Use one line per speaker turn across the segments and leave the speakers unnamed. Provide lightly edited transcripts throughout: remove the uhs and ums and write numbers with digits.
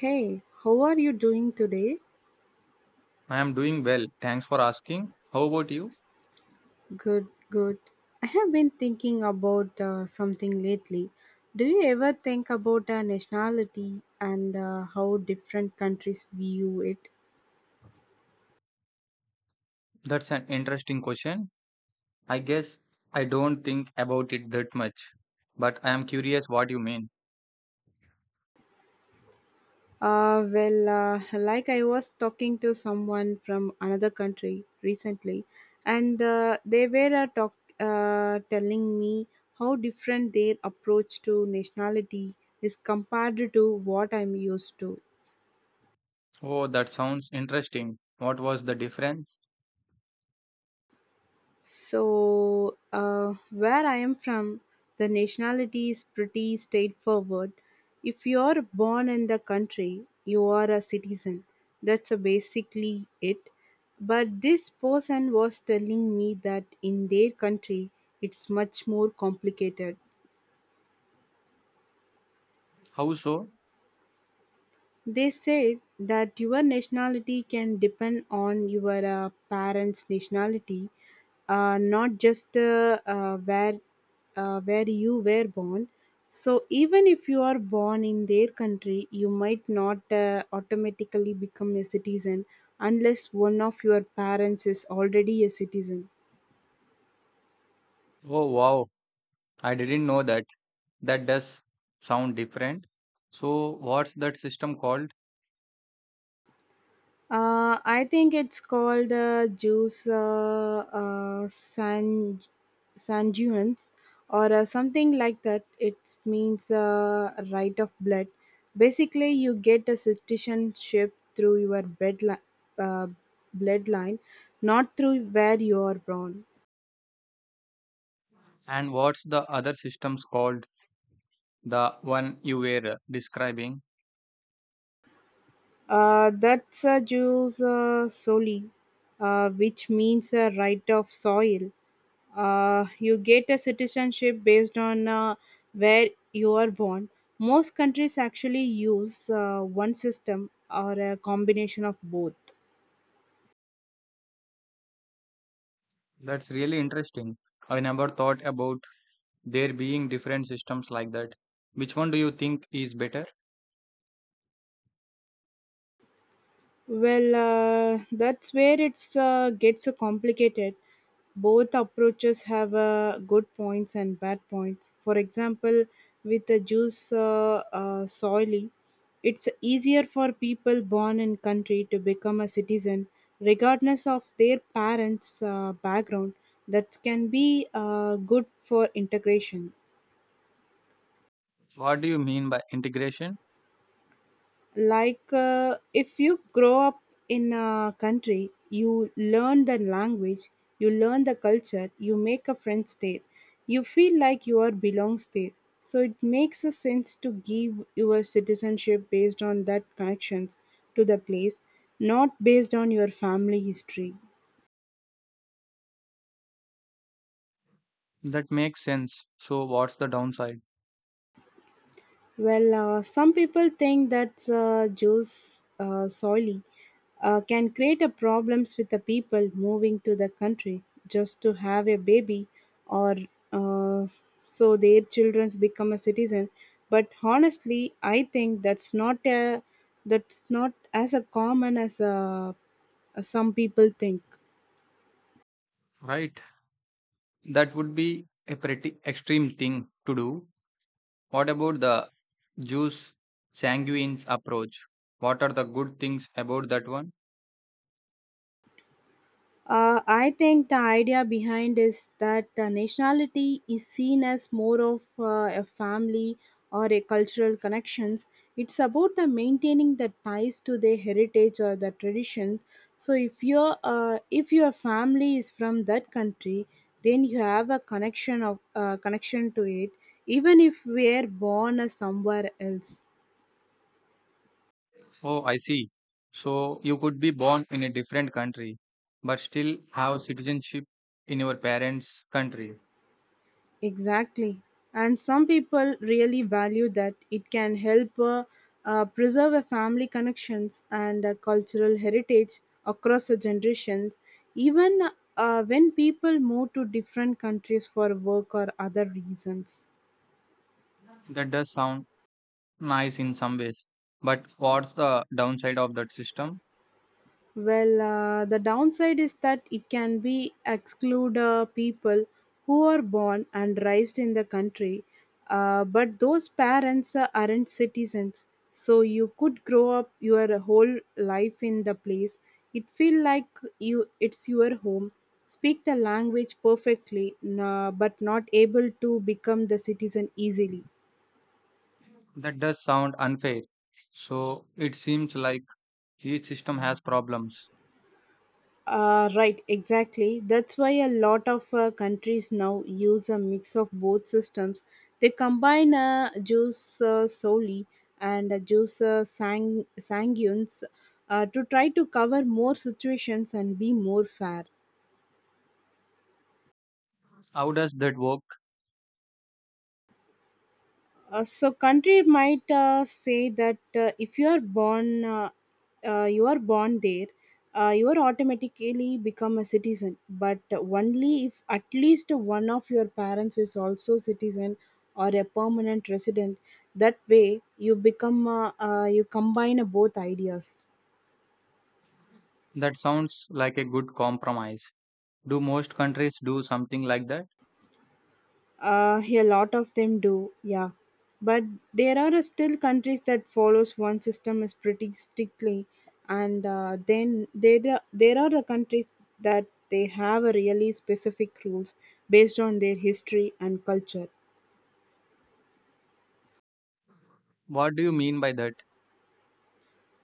Hey, how are you doing today?
I am doing well. Thanks for asking. How about you?
Good, good. I have been thinking about something lately. Do you ever think about nationality and how different countries view it?
That's an interesting question. I guess I don't think about it that much, but I am curious what you mean.
Like I was talking to someone from another country recently, and they were telling me how different their approach to nationality is compared to what I'm used to.
Oh, that sounds interesting. What was the difference?
Where I am from, the nationality is pretty straightforward. If you are born in the country, you are a citizen. That's basically it. But this person was telling me that in their country, it's much more complicated.
How so?
They said that your nationality can depend on your parents' nationality, not just where you were born. So even if you are born in their country, you might not automatically become a citizen unless one of your parents is already a citizen.
Oh, wow. I didn't know that. That does sound different. So, what's that system called?
I think it's called Juice San Sanjuans or something like that. It means right of blood. Basically, you get a citizenship through your uh, bloodline, not through where you are born.
And what's the other systems called? The one you were describing?
That's Juice Soli, which means right of soil. You get a citizenship based on where you are born. Most countries actually use one system or a combination of both.
That's really interesting. I never thought about there being different systems like that. Which one do you think is better?
Well, that's where it's gets complicated. Both approaches have good points and bad points. For example, with the juice soily, it's easier for people born in country to become a citizen, regardless of their parents' background. That can be good for integration.
What do you mean by integration?
Like, if you grow up in a country, you learn the language, you learn the culture, you make a friends there, you feel like you are belongs there. So it makes a sense to give your citizenship based on that connections to the place, not based on your family history.
That makes sense. So, what's the downside?
Well, some people think that Jews solely can create a problems with the people moving to the country just to have a baby or uh, so their children become a citizen. But honestly, I think that's not as a common as some people think.
Right. That would be a pretty extreme thing to do. What about the Jews sanguines approach? What are the good things about that one?
I think the idea behind is that nationality is seen as more of a family or a cultural connections. It's about the maintaining the ties to their heritage or the tradition. So if your family is from that country, then you have a connection to it, even if we're born as somewhere else.
Oh, I see. So, you could be born in a different country but still have citizenship in your parents' country.
Exactly. And some people really value that it can help preserve a family connections and a cultural heritage across the generations, even when people move to different countries for work or other reasons.
That does sound nice in some ways. But what's the downside of that system?
Well, the downside is that it can be exclude people who are born and raised in the country, but those parents aren't citizens. So you could grow up your whole life in the place. It feel like you it's your home. Speak the language perfectly, but not able to become the citizen easily.
That does sound unfair. So it seems like each system has problems.
Right, exactly. That's why a lot of countries now use a mix of both systems. They combine juice soli and juice sanguines to try to cover more situations and be more fair.
How does that work?
So country might say that if you are born you are born there you are automatically become a citizen but only if at least one of your parents is also citizen or a permanent resident that way you become you combine both ideas.
That sounds like a good compromise. Do most countries do something like that?
A lot of them do, yeah. But there are still countries that follows one system is pretty strictly, and then there are the countries that they have a really specific rules based on their history and culture.
What do you mean by that?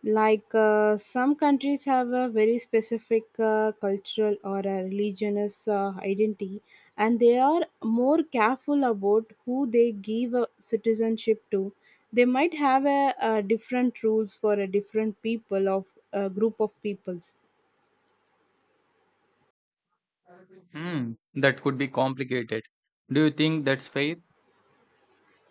Like some countries have a very specific cultural or a religious identity, and they are more careful about who they give a citizenship to. They might have a different rules for a different people of a group of peoples.
Hmm, that could be complicated. Do you think that's fair?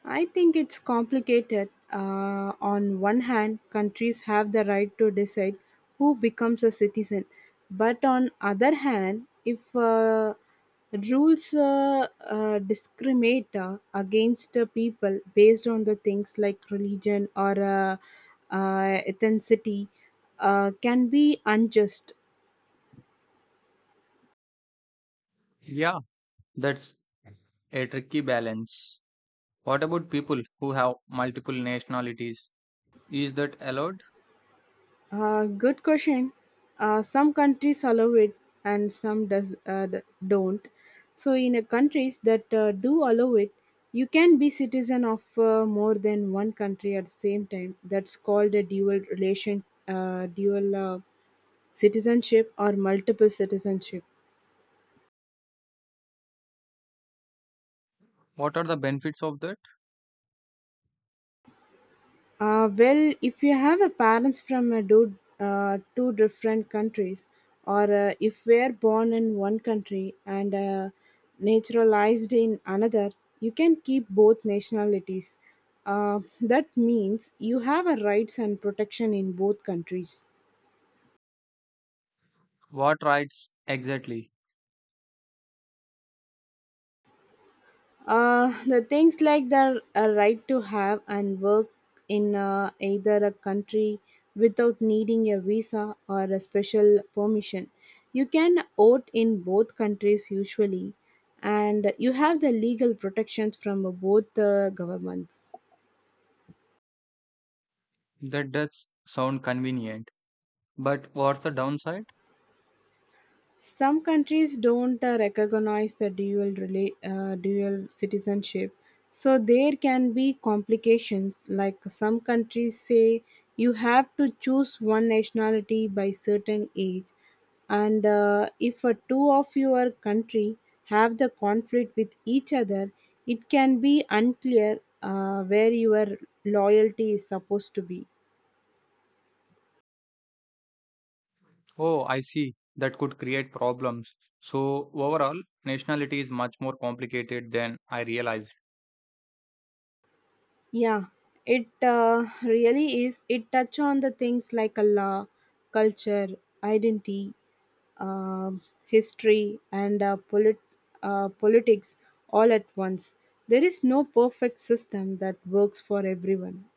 I think it's complicated. On one hand, countries have the right to decide who becomes a citizen, but on other hand, if rules discriminate against people based on the things like religion or ethnicity, can be unjust.
Yeah, that's a tricky balance. What about people who have multiple nationalities? Is that allowed?
Good question. Some countries allow it and some does don't. So in a countries that do allow it, you can be citizen of more than one country at the same time. That's called a dual citizenship or multiple citizenship.
What are the benefits of that?
Well, if you have a parents from two different countries, or if we're born in one country and naturalized in another, you can keep both nationalities. That means you have a rights and protection in both countries.
What rights exactly?
The things like the right to have and work in either a country without needing a visa or a special permission. You can vote in both countries usually, and you have the legal protections from both governments.
That does sound convenient. But what's the downside?
Some countries don't recognize the dual citizenship, so there can be complications. Like some countries say, you have to choose one nationality by certain age, and if two of your country have the conflict with each other, it can be unclear where your loyalty is supposed to be.
Oh, I see. That could create problems. So, overall, nationality is much more complicated than I realized.
Yeah, it really is. It touch on the things like a law, culture, identity, history, and politics all at once. There is no perfect system that works for everyone.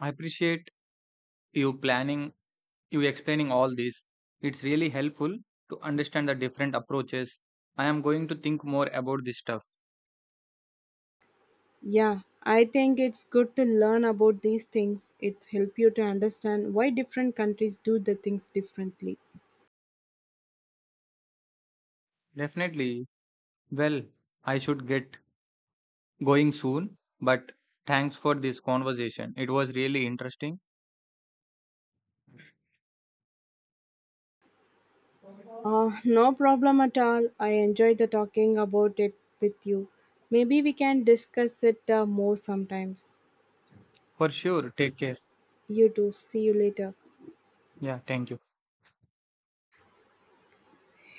I appreciate you planning, you explaining all this. It's really helpful to understand the different approaches. I am going to think more about this stuff.
Yeah, I think it's good to learn about these things. It help you to understand why different countries do the things differently.
Definitely. Well, I should get going soon, but thanks for this conversation. It was really interesting.
No problem at all. I enjoyed the talking about it with you. Maybe we can discuss it more sometimes.
For sure. Take care.
You too. See you later.
Yeah, thank you.